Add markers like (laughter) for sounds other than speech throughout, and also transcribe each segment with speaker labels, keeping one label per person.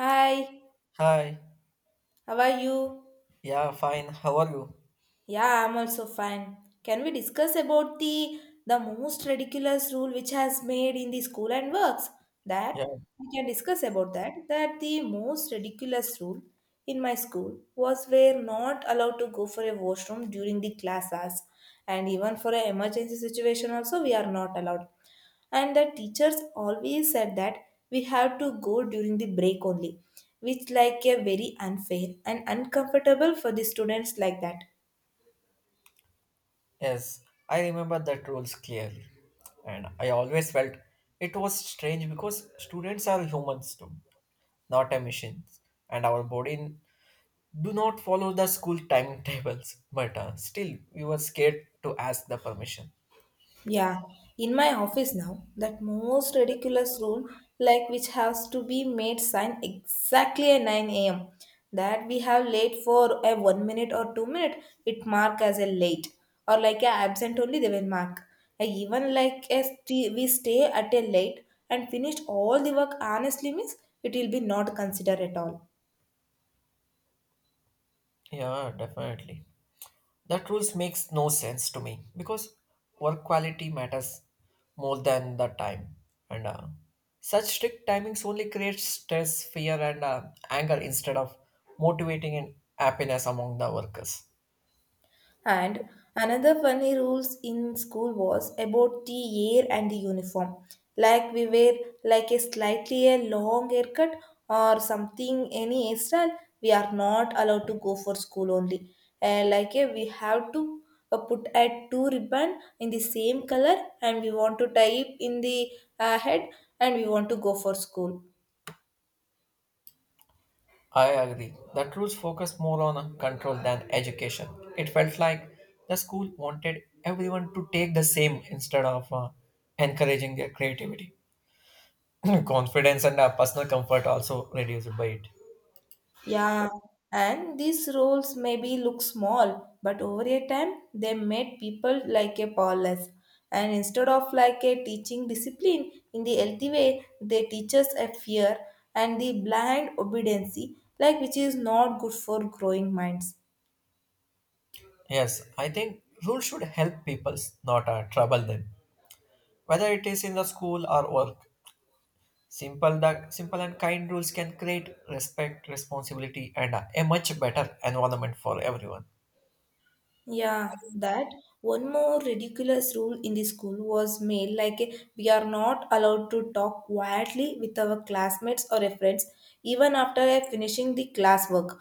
Speaker 1: Hi,
Speaker 2: Hi.
Speaker 1: how are you?
Speaker 2: Yeah, fine. How are you?
Speaker 1: Yeah, I'm also fine. Can we discuss about the most ridiculous rule which has made in the school and works? That
Speaker 2: Yeah.
Speaker 1: we can discuss about that. That the most ridiculous rule in my school was we're not allowed to go for a washroom during the class hours, and even for an emergency situation also we are not allowed. And the teachers always said that we have to go during the break only, which like a very unfair and uncomfortable for the students like that.
Speaker 2: Yes, I remember that rules clearly. And I always felt it was strange because students are humans too, not a machines. And our body do not follow the school timetables. But still, we were scared to ask the permission.
Speaker 1: Yeah, in my office now, that most ridiculous rule, like which has to be made sign exactly at 9 a.m. That we have late for a 1 minute or 2 minute, it mark as a late, or like a absent only they will mark. And even like a we stay at a late and finished all the work honestly means it will be not considered at all.
Speaker 2: Yeah, definitely. That rules makes no sense to me because work quality matters more than the time. And such strict timings only create stress, fear, and anger instead of motivating and happiness among the workers.
Speaker 1: And another funny rules in school was about the hair and the uniform. Like we wear like a slightly a long haircut or something any hairstyle, we are not allowed to go for school only. And like we have to put at two ribbon in the same color and we want to tie it in the head, and we want to go for school.
Speaker 2: I agree. The rules focus more on control than education. It felt like the school wanted everyone to take the same instead of encouraging their creativity. (clears throat) Confidence and personal comfort also reduced by it.
Speaker 1: Yeah, and these roles maybe look small, but over a time they made people like a powerless. And instead of like a teaching discipline in the healthy way, they teach us a fear and the blind obedience, like which is not good for growing minds.
Speaker 2: Yes, I think rules should help people, not trouble them. Whether it is in the school or work, simple the simple and kind rules can create respect, responsibility, and a much better environment for everyone.
Speaker 1: Yeah, that one more ridiculous rule in the school was made like a, we are not allowed to talk quietly with our classmates or a friends even after finishing the classwork.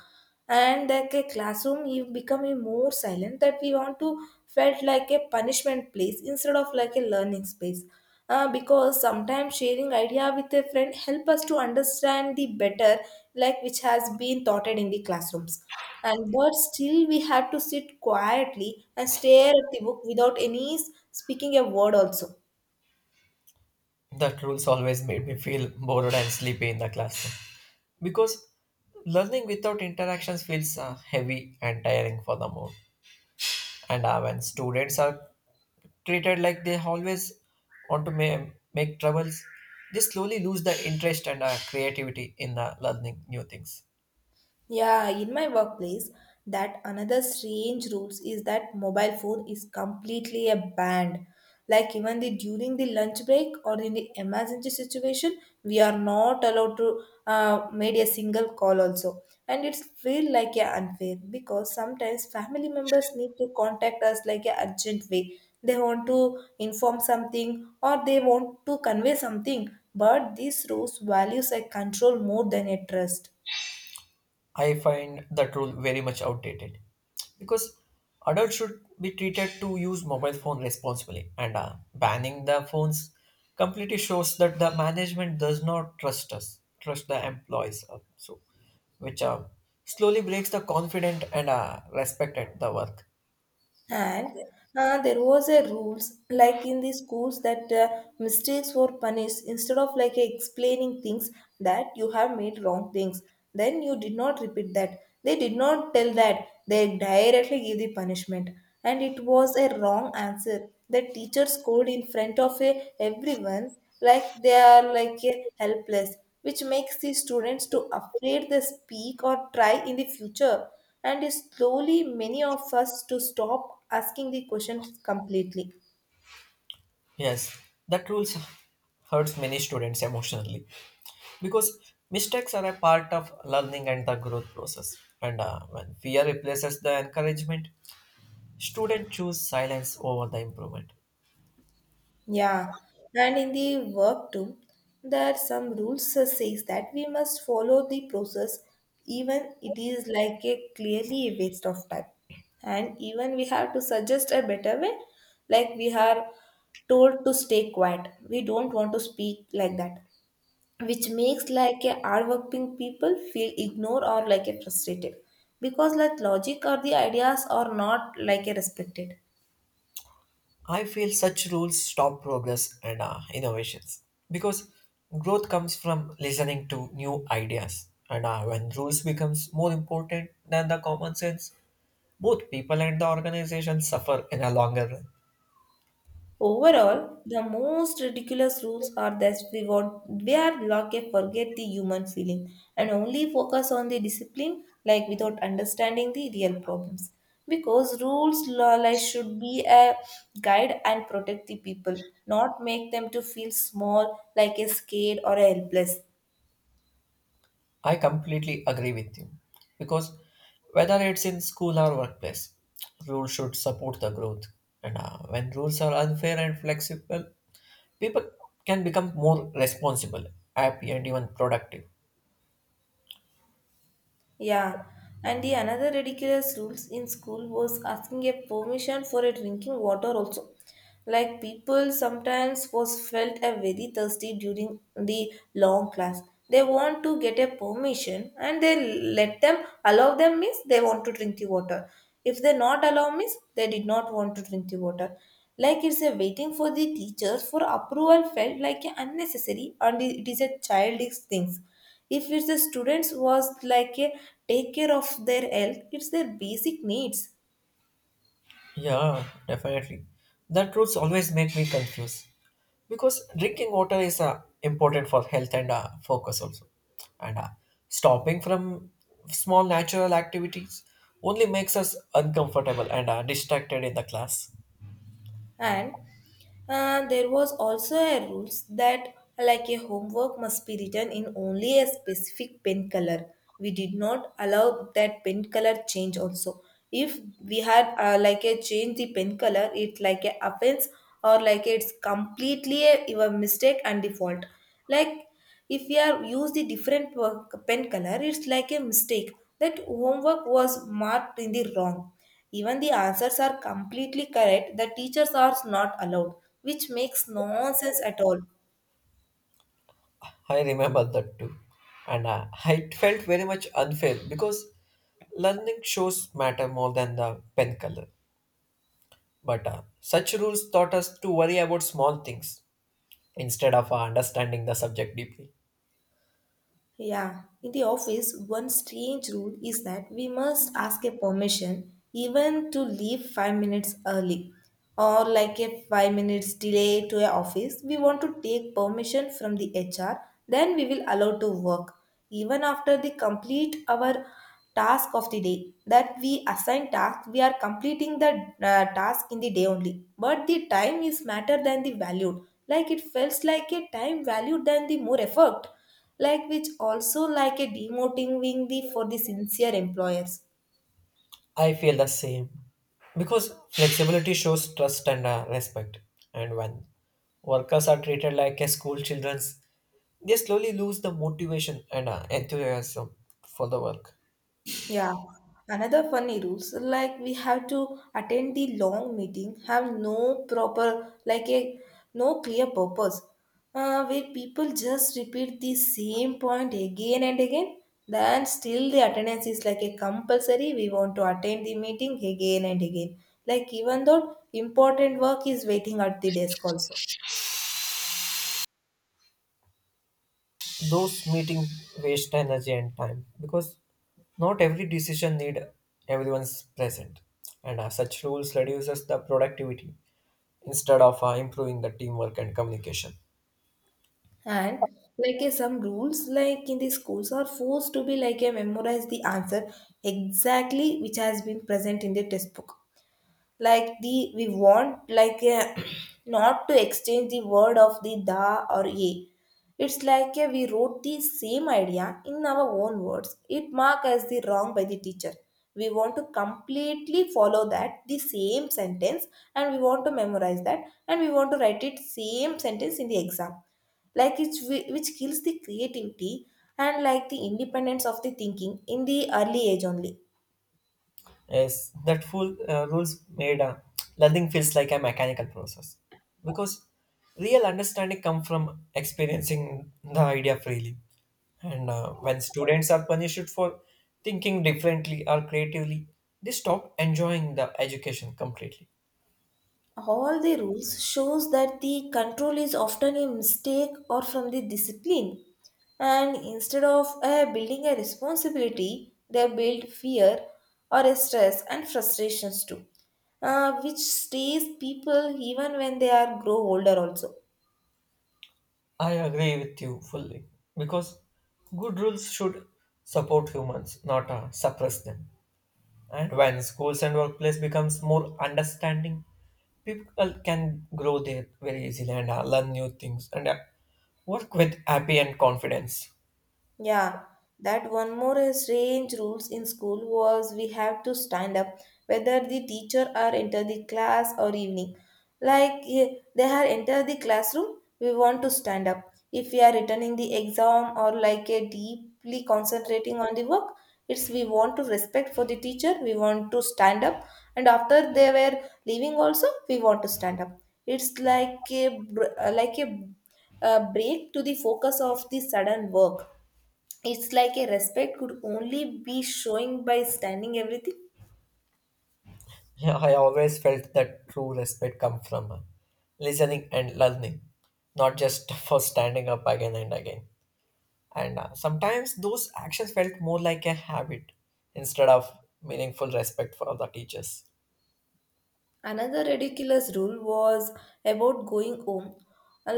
Speaker 1: And like a classroom you become a more silent that we want to felt like a punishment place instead of like a learning space. Because sometimes sharing idea with a friend help us to understand the better, like which has been taught in the classrooms, and but still we had to sit quietly and stare at the book without any speaking a word also.
Speaker 2: That rules always made me feel bored and sleepy in the classroom because learning without interactions feels heavy and tiring for the mood. And when students are treated like they always want to ma- make troubles, they slowly lose the interest and creativity in learning new things.
Speaker 1: Yeah, in my workplace, that another strange rules is that mobile phone is completely a banned. Like even the during the lunch break or in the emergency situation, we are not allowed to made a single call also, and it's feel like a unfair because sometimes family members need to contact us like a urgent way. They want to inform something or they want to convey something, but these rules values a control more than a trust.
Speaker 2: I find that rule very much outdated because adults should be treated to use mobile phone responsibly and banning the phones completely shows that the management does not trust the employees so which slowly breaks the confidence and respect at the work.
Speaker 1: And there was a rules like in the schools that mistakes were punished instead of like explaining things that you have made wrong things. Then you did not repeat that. They did not tell that. They directly give the punishment, and it was a wrong answer. The teacher scold in front of a, everyone like they are like a helpless, which makes the students to afraid they speak or try in the future, and slowly many of us to stop asking the questions completely.
Speaker 2: Yes, that rules hurts many students emotionally because mistakes are a part of learning and the growth process. And when fear replaces the encouragement, students choose silence over the improvement.
Speaker 1: Yeah, and in the work too, there are some rules that says that we must follow the process even it is like a clearly a waste of time, and even we have to suggest a better way, like we are told to stay quiet, we don't want to speak like that, which makes like a hardworking people feel ignored or like a frustrated, because like logic or the ideas are not like a respected.
Speaker 2: I feel such rules stop progress and innovations because growth comes from listening to new ideas. And when rules becomes more important than the common sense, both people and the organization suffer in a longer run.
Speaker 1: Overall, the most ridiculous rules are that we want we are like a forget the human feeling and only focus on the discipline, like without understanding the real problems, because rules law like should be a guide and protect the people, not make them to feel small like a scared or helpless.
Speaker 2: I completely agree with you because whether it's in school or workplace, rules should support the growth. And when rules are unfair and flexible, people can become more responsible, happy, and even productive.
Speaker 1: Yeah, and the another ridiculous rules in school was asking a permission for a drinking water also. Like people sometimes was felt a very thirsty during the long class. They want to get a permission and they let them allow them means they want to drink the water. If they not allow means they did not want to drink the water. Like it's a waiting for the teachers for approval felt like a unnecessary, and it is a childish things if it's the students was like a take care of their health, it's their basic needs.
Speaker 2: Yeah, definitely. That rules always make me confused because drinking water is important for health and focus also. And stopping from small natural activities only makes us uncomfortable and distracted in the class.
Speaker 1: And there was also a rules that like a homework must be written in only a specific pen color. We did not allow that pen color change also. If we had like a change the pen color, it like a offense, or like it's completely a, your mistake and default. Like if we are use the different pen color, it's like a mistake that homework was marked in the wrong, even the answers are completely correct, the teachers are not allowed, which makes no sense at all.
Speaker 2: I remember that too. And I felt very much unfair because learning shows matter more than the pen color. But such rules taught us to worry about small things instead of understanding the subject deeply.
Speaker 1: Yeah, in the office, one strange rule is that we must ask a permission even to leave 5 minutes early or like a 5 minutes delay to a office. We want to take permission from the HR, then we will allow to work even after the complete our task of the day, that we assign task we are completing the task in the day only, but the time is matter than the value, like it feels like a time value than the more effort, like which also like a demotivating the for the sincere employers.
Speaker 2: I feel the same because flexibility shows trust and respect. And when workers are treated like a school children's, they slowly lose the motivation and enthusiasm for the work.
Speaker 1: Yeah, another funny rules like we have to attend the long meeting, have no proper, like a no clear purpose, where people just repeat the same point again and again, then still the attendance is like a compulsory, we want to attend the meeting again and again, like even though important work is waiting at the desk also.
Speaker 2: Those meetings waste energy and time because not every decision need everyone's present, and such rules reduces the productivity instead of improving the teamwork and communication.
Speaker 1: And like some rules, like in the schools, are forced to be like a memorize the answer exactly which has been present in the textbook, like the we want like (clears throat) not to exchange the word of the da or ye. It's like we wrote the same idea in our own words, it marked as the wrong by the teacher. We want to completely follow that the same sentence, and we want to memorize that, and we want to write it same sentence in the exam, like it's which kills the creativity and like the independence of the thinking in the early age only.
Speaker 2: Yes, that full rules made learning feels like a mechanical process because real understanding come from experiencing the idea freely. And when students are punished for thinking differently or creatively, they stop enjoying the education completely.
Speaker 1: All the rules shows that the control is often a mistake or from the discipline, and instead of building a responsibility they build fear or a stress and frustrations too, which stays people even when they are grow older also.
Speaker 2: I agree with you fully because good rules should support humans, not suppress them. And when schools and workplace becomes more understanding, people can grow there very easily and learn new things and work with happy and confidence.
Speaker 1: Yeah, that one more strange rules in school was we have to stand up whether the teacher are enter the class or evening. Like they have entered the classroom, we want to stand up. If we are returning the exam or like a deeply concentrating on the work, it's we want to respect for the teacher, we want to stand up, and after they were leaving also, we want to stand up. It's like a like a break to the focus of the sudden work, it's like a respect could only be showing by standing everything.
Speaker 2: Yeah, I always felt that true respect comes from listening and learning, not just (laughs) for standing up again and again. And sometimes those actions felt more like a habit instead of meaningful respect for the teachers.
Speaker 1: Another ridiculous rule was about going home,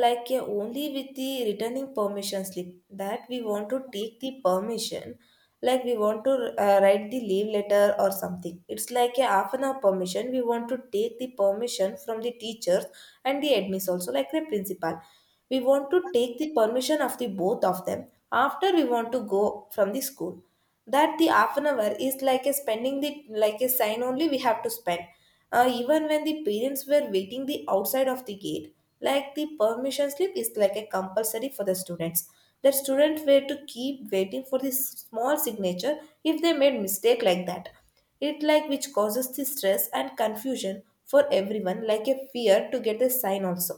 Speaker 1: like a only with the returning permission slip. That we want to take the permission, like we want to write the leave letter or something. It's like a half an hour permission. We want to take the permission from the teachers and the admins also, like the principal. We want to take the permission of the both of them. After we want to go from the school, that the half an hour is like a spending the like a sign only we have to spend, even when the parents were waiting the outside of the gate, like the permission slip is like a compulsory for the students, the students were to keep waiting for this small signature, if they made mistake like that, it like which causes the stress and confusion for everyone, like a fear to get a sign also.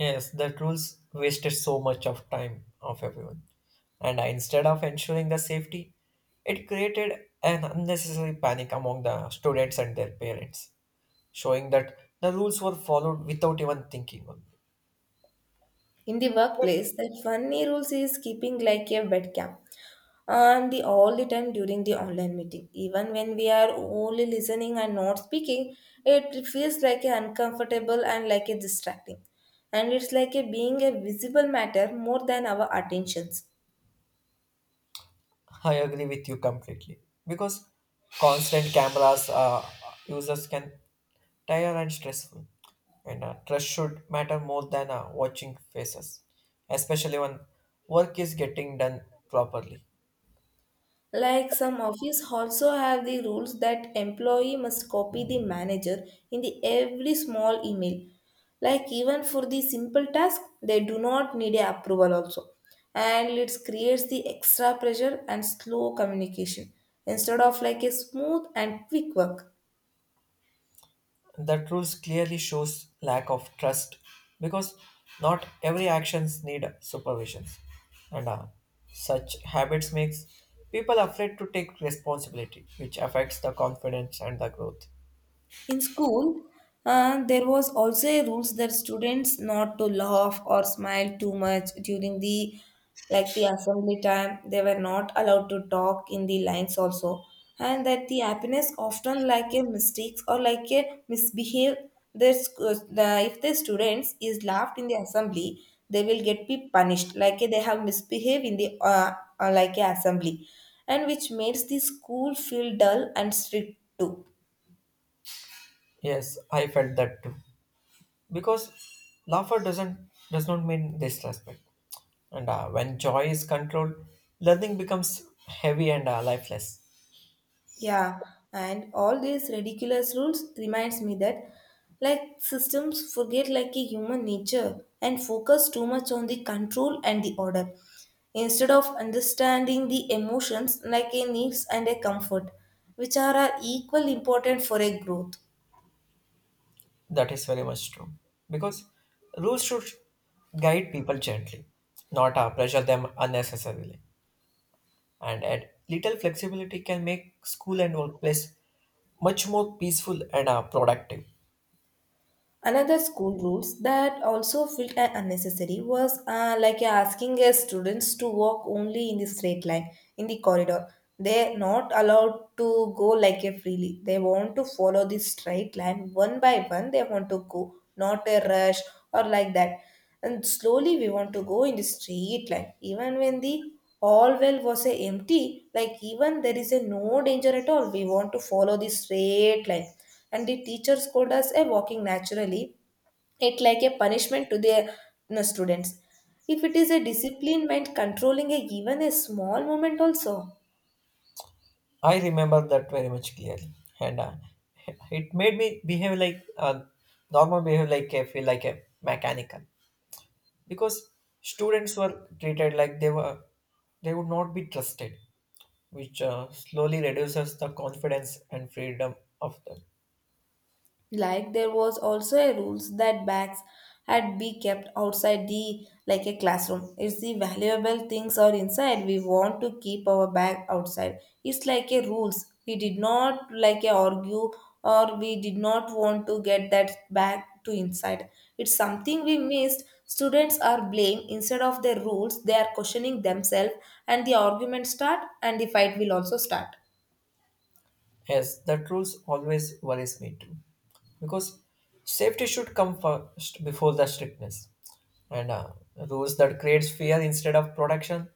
Speaker 2: Yes, the rules wasted so much of time of everyone. And instead of ensuring the safety, it created an unnecessary panic among the students and their parents, showing that the rules were followed without even thinking on
Speaker 1: In the
Speaker 2: it.
Speaker 1: workplace, the funny rules is keeping like a webcam and the all the time during the online meeting. Even when we are only listening and not speaking, it feels like a uncomfortable and like a distracting. And it's like a being a visible matter more than our attentions.
Speaker 2: I agree with you completely because constant cameras users can tired and stressful, and trust should matter more than watching faces, especially when work is getting done properly.
Speaker 1: Like some office also have the rules that employee must copy the manager in the every small email. Like even for the simple task, they do not need a approval also. And it creates the extra pressure and slow communication instead of like a smooth and quick work.
Speaker 2: That rules clearly shows lack of trust because not every actions need supervisions, and such habits makes people afraid to take responsibility, which affects the confidence and the growth.
Speaker 1: In school, there was also a rules that students not to laugh or smile too much during the like the assembly time. They were not allowed to talk in the lines also, and that the happiness often like a mistakes or like a misbehave. If the students is laughed in the assembly, they will get be punished like they have misbehaved in the like a assembly, and which makes the school feel dull and strict too.
Speaker 2: Yes, I felt that too. Because laughter doesn't does not mean disrespect. And when joy is controlled, learning becomes heavy and lifeless.
Speaker 1: Yeah, and all these ridiculous rules reminds me that like systems forget like a human nature and focus too much on the control and the order instead of understanding the emotions like a needs and a comfort which are equally important for a growth.
Speaker 2: That is very much true. Because rules should guide people gently, not pressure them unnecessarily. And add little flexibility can make school and workplace much more peaceful and productive.
Speaker 1: Another school rules that also felt unnecessary was like asking students to walk only in the straight line in the corridor. They're not allowed to go like a freely. They want to follow the straight line one by one. They want to go, not a rush or like that. And slowly we want to go in the straight line. Even when the all well was a empty, like even there is a no danger at all. We want to follow the straight line and the teachers code us a walking naturally, it like a punishment to their students if it is a discipline meant controlling a, even a small moment also.
Speaker 2: I remember that very much clearly, and it made me behave like normal behave like I feel like a mechanical. Because students were treated like they would not be trusted, which slowly reduces the confidence and freedom of them.
Speaker 1: Like there was also a rules that bags had be kept outside the like a classroom. If the valuable things are inside, we want to keep our bag outside. It's like a rules, we did not like a argue or we did not want to get that bag to inside. It's something we missed. Students are blamed instead of their rules, they are questioning themselves, and the argument start and the fight will also start.
Speaker 2: Yes, that rules always worries me too because safety should come first before the strictness. And rules that creates fear instead of protection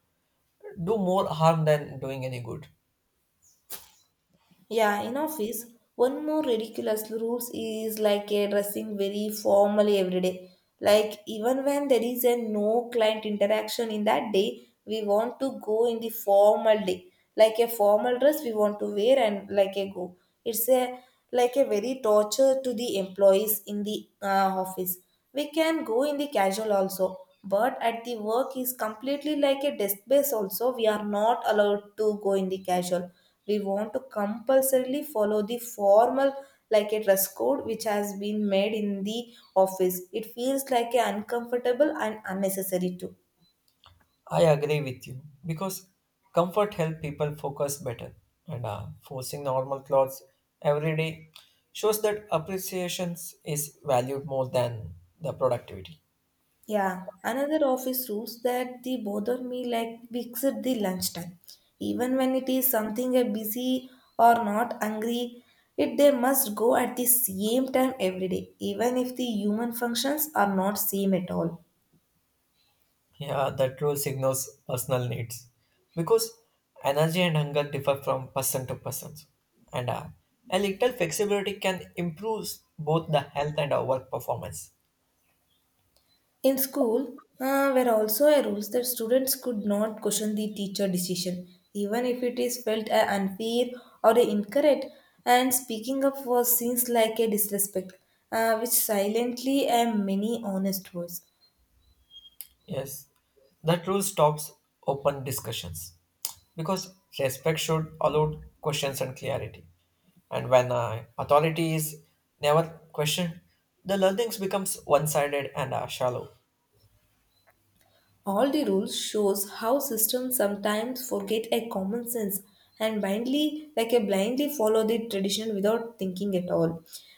Speaker 2: do more harm than doing any good.
Speaker 1: Yeah, in office, one more ridiculous rules is like a dressing very formally every day. Like even when there is a no client interaction in that day, we want to go in the formal day. Like a formal dress we want to wear and like a go. It's a like a very torture to the employees in the office. We can go in the casual also, but at the work is completely like a desk base also. We are not allowed to go in the casual. We want to compulsorily follow the formal like a dress code which has been made in the office. It feels like a uncomfortable and unnecessary too.
Speaker 2: I agree with you because comfort help people focus better, and forcing normal clothes every day shows that appreciations is valued more than the productivity.
Speaker 1: Yeah, another office rules that they bother me like fix at the lunchtime. Even when it is something a busy or not hungry, it they must go at the same time every day, even if the human functions are not same at all.
Speaker 2: Yeah, that rule signals personal needs because energy and hunger differ from person to person, and a little flexibility can improve both the health and our work performance.
Speaker 1: In school, were also a rules that students could not question the teacher decision, even if it is felt a unfair or incorrect. And speaking up was seen like a disrespect, which silently and many honest words.
Speaker 2: Yes, that rule stops open discussions because respect should allow questions and clarity. And when authority is never questioned, the learnings becomes one-sided and shallow.
Speaker 1: All the rules shows how systems sometimes forget a common sense and blindly like a blindly follow the tradition without thinking at all.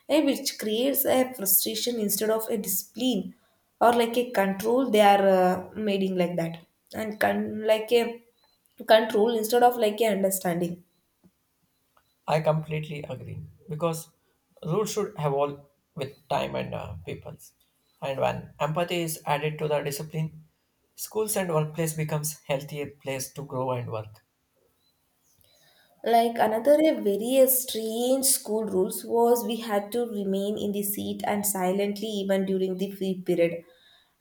Speaker 1: Which creates a frustration instead of a discipline or like a control they are making like that and like a control instead of like a understanding.
Speaker 2: I completely agree because rules should evolve with time and peoples. And when empathy is added to the discipline, schools and workplace becomes healthier place to grow and work.
Speaker 1: Like another a very strange school rules was we had to remain in the seat and silently even during the free period,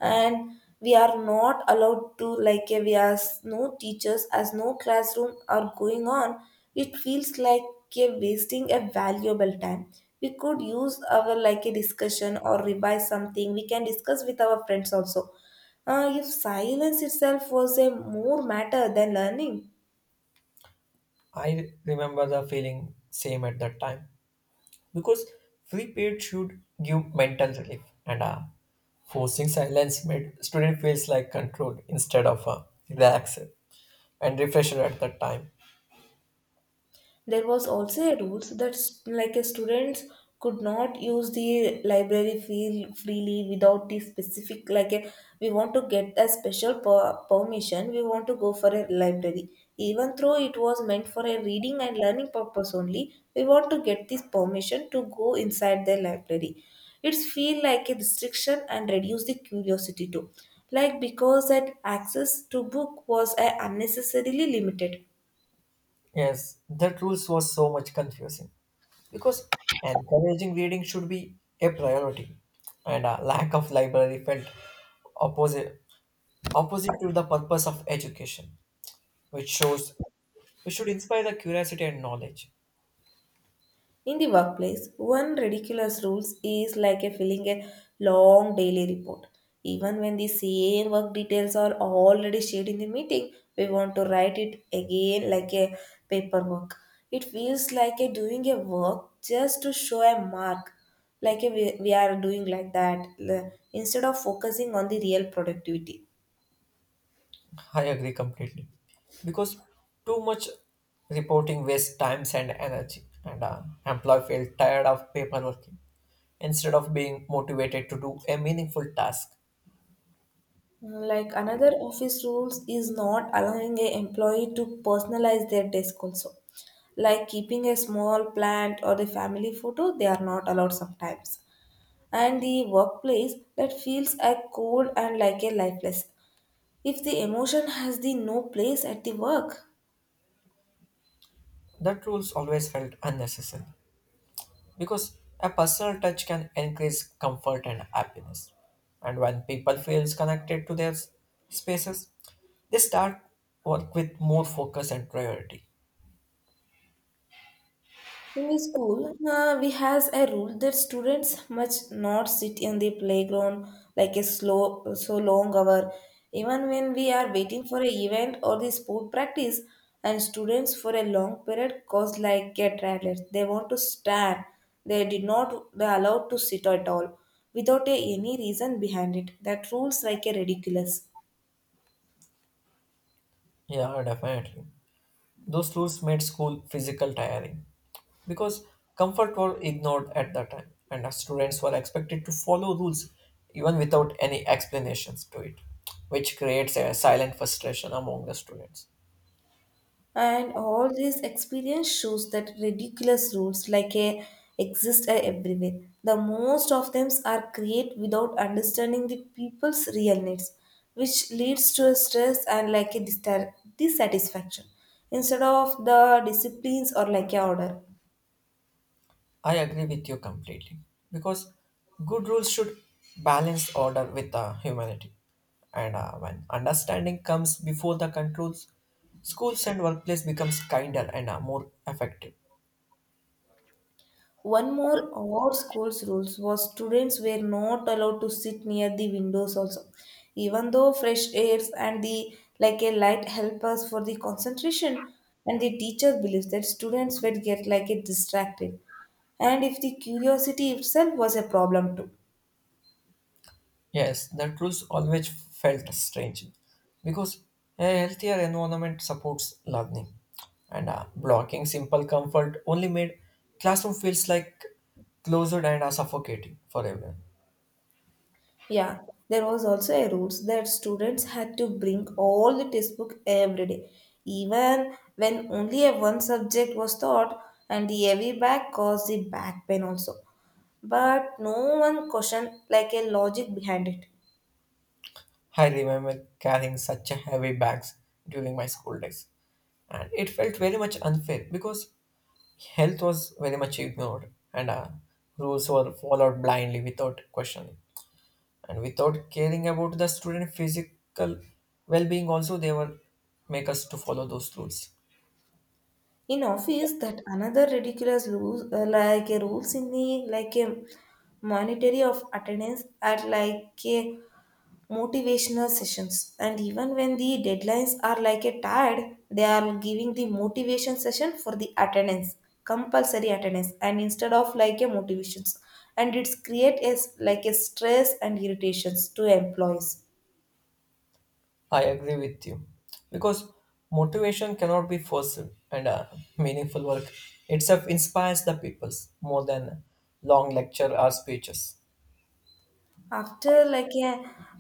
Speaker 1: and we are not allowed to like we are no teachers as no classroom are going on. It feels like wasting a valuable time. We could use our like a discussion or revise something. We can discuss with our friends also. If silence itself was a more matter than learning.
Speaker 2: I remember the feeling same at that time because free period should give mental relief, and forcing silence made student feels like control instead of relax and refresher at that time.
Speaker 1: There was also a rules that like a students could not use the library feel freely without the specific like a, we want to get a special permission, we want to go for a library, even though it was meant for a reading and learning purpose only. We want to get this permission to go inside the library. It's feel like a restriction and reduce the curiosity too, like because that access to book was unnecessarily limited.
Speaker 2: Yes, that rules was so much confusing because encouraging reading should be a priority, and a lack of library felt opposite opposite to the purpose of education, which shows we should inspire the curiosity and knowledge.
Speaker 1: In the workplace, one ridiculous rule is like a filling a long daily report. Even when the same work details are already shared in the meeting, we want to write it again like a paperwork. It feels like a doing a work just to show a mark, like a we are doing like that, instead of focusing on the real productivity.
Speaker 2: I agree completely because too much reporting wastes times and energy, and employee feel tired of paperwork instead of being motivated to do a meaningful task.
Speaker 1: Like another office rules is not allowing a employee to personalize their desk also. Like keeping a small plant or the family photo, they are not allowed sometimes. And the workplace that feels a cold and like a lifeless. If the emotion has the no place at the work.
Speaker 2: That rules always felt unnecessary because a personal touch can increase comfort and happiness, and when people feels connected to their spaces, they start work with more focus and priority.
Speaker 1: In the school, we has a rule that students must not sit in the playground like a slow so long hour. Even when we are waiting for a event or the sport practice, and students for a long period cause like get rattled. They want to stand. They did not they allowed to sit at all without a, any reason behind it. That rules like a ridiculous.
Speaker 2: Yeah, definitely. Those rules made school physical tiring because comfort were ignored at that time and our students were expected to follow rules even without any explanations to it, which creates a silent frustration among the students.
Speaker 1: And all this experience shows that ridiculous rules like a exist everywhere. The most of them are created without understanding the people's real needs, which leads to a stress and like a dissatisfaction instead of the disciplines or like a order.
Speaker 2: I agree with you completely because good rules should balance order with humanity, and when understanding comes before the controls, schools and workplace becomes kinder and more effective.
Speaker 1: One more odd school's rules was students were not allowed to sit near the windows also. Even though fresh airs and the like a light help us for the concentration and the teacher believes that students would get like a distracted. And if the curiosity itself was a problem too.
Speaker 2: Yes, that rules always felt strange because a healthier environment supports learning, and blocking simple comfort only made classroom feels like closed and suffocating for everyone.
Speaker 1: Yeah, there was also a rules that students had to bring all the textbook every day, even when only a one subject was taught, and the heavy bag caused the back pain also. But no one questioned like a logic behind it.
Speaker 2: I remember carrying such a heavy bags during my school days, and it felt very much unfair because health was very much ignored, and rules were followed blindly without questioning, and without caring about the student physical well-being also they will make us to follow those rules.
Speaker 1: In office, that another ridiculous rules like a rules in the like a monetary of attendance at like a motivational sessions, and even when the deadlines are like a tide, they are giving the motivation session for the attendance, compulsory attendance and instead of like a motivations, and it's create as like a stress and irritations to employees.
Speaker 2: I agree with you because motivation cannot be forced, and meaningful work itself inspires the peoples more than long lecture or speeches.
Speaker 1: After like a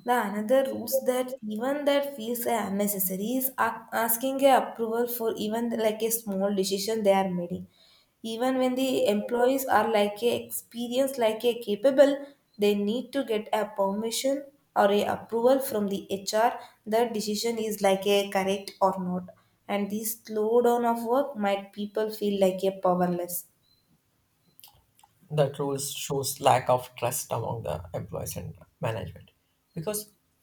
Speaker 1: the another rules that even that feels unnecessary is asking a approval for even like a small decision they are making, even when the employees are like a experienced like a capable, they need to get a permission or a approval from the HR that decision is like a correct or not, and this slowdown of work might people feel like a powerless.
Speaker 2: That rules shows lack of trust among the employees and management because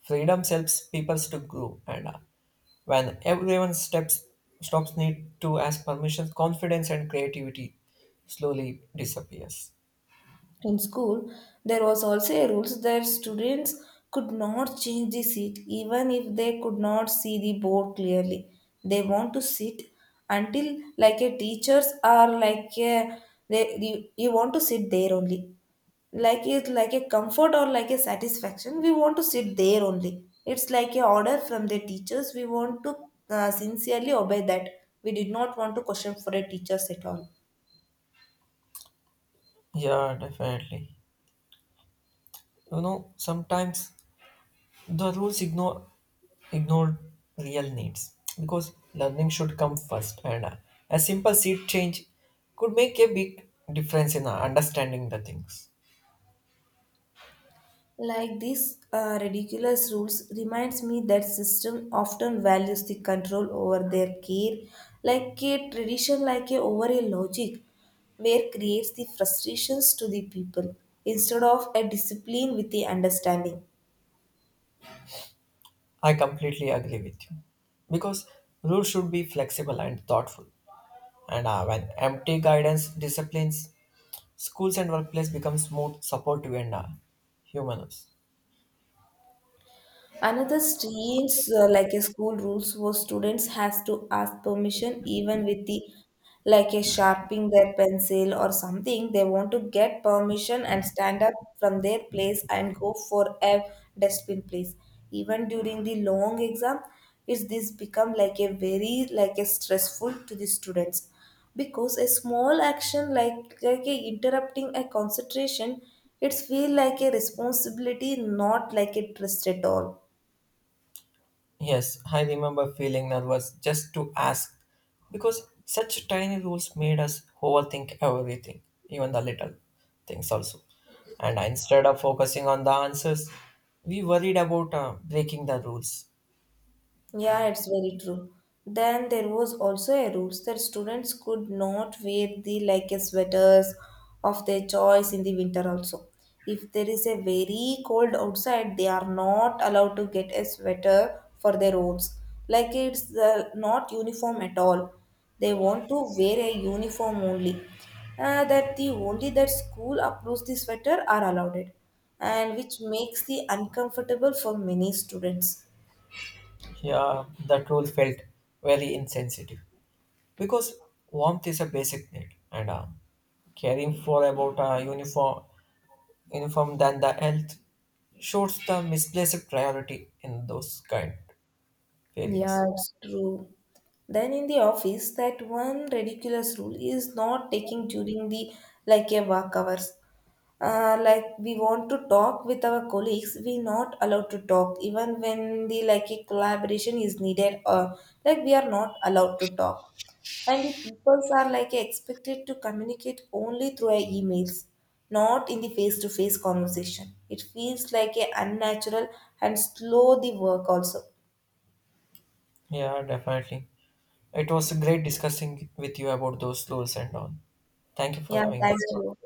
Speaker 2: freedom helps people to grow, and when everyone steps stops need to ask permission, confidence and creativity slowly disappears.
Speaker 1: In school, there was also a rules that students could not change the seat even if they could not see the board clearly. They want to sit until like a teachers are like a, they you want to sit there only. Like it's like a comfort or like a satisfaction, we want to sit there only. It's like a order from the teachers, we want to sincerely obey that. We did not want to question for a teachers at all.
Speaker 2: Yeah, definitely. You know sometimes the rules ignore real needs because learning should come first, and a simple seat change could make a big difference in understanding the things.
Speaker 1: Like these ridiculous rules reminds me that system often values the control over their care, like a tradition, like a over a logic, where creates the frustrations to the people instead of a discipline with the understanding.
Speaker 2: I completely agree with you because rules should be flexible and thoughtful. And when empty guidance disciplines, schools and workplace become smooth, supportive, and humanous.
Speaker 1: Another strange, like a school rules, was students has to ask permission even with the, like a sharpening their pencil or something. They want to get permission and stand up from their place and go for a dustbin place. Even during the long exam, it's this become like a very like a stressful to the students because a small action like a interrupting a concentration, it's feel like a responsibility, not like a trust at all.
Speaker 2: Yes, I remember feeling nervous just to ask because such tiny rules made us overthink everything, even the little things also. And instead of focusing on the answers, we worried about breaking the rules.
Speaker 1: Yeah, it's very true. Then there was also a rules that students could not wear the like a sweaters of their choice in the winter also. If there is a very cold outside, they are not allowed to get a sweater for their robes. Like it's not uniform at all. They want to wear a uniform only. That the only that school approves the sweater are allowed it, and which makes the uncomfortable for many students.
Speaker 2: Yeah, that rule felt very insensitive. Because warmth is a basic need, and caring for about a uniform than the health shows the misplaced priority in those kind areas.
Speaker 1: Yeah, it's true. Then in the office, that one ridiculous rule is not taking during the like a work hours. Like we want to talk with our colleagues, we not allowed to talk even when the like a collaboration is needed or like we are not allowed to talk. And the peoples are like expected to communicate only through our emails, not in the face-to-face conversation. It feels like a unnatural and slow the work also.
Speaker 2: Yeah, definitely. It was great discussing with you about those rules and all. Thank you for
Speaker 1: Yeah,
Speaker 2: having
Speaker 1: thank you.
Speaker 2: this.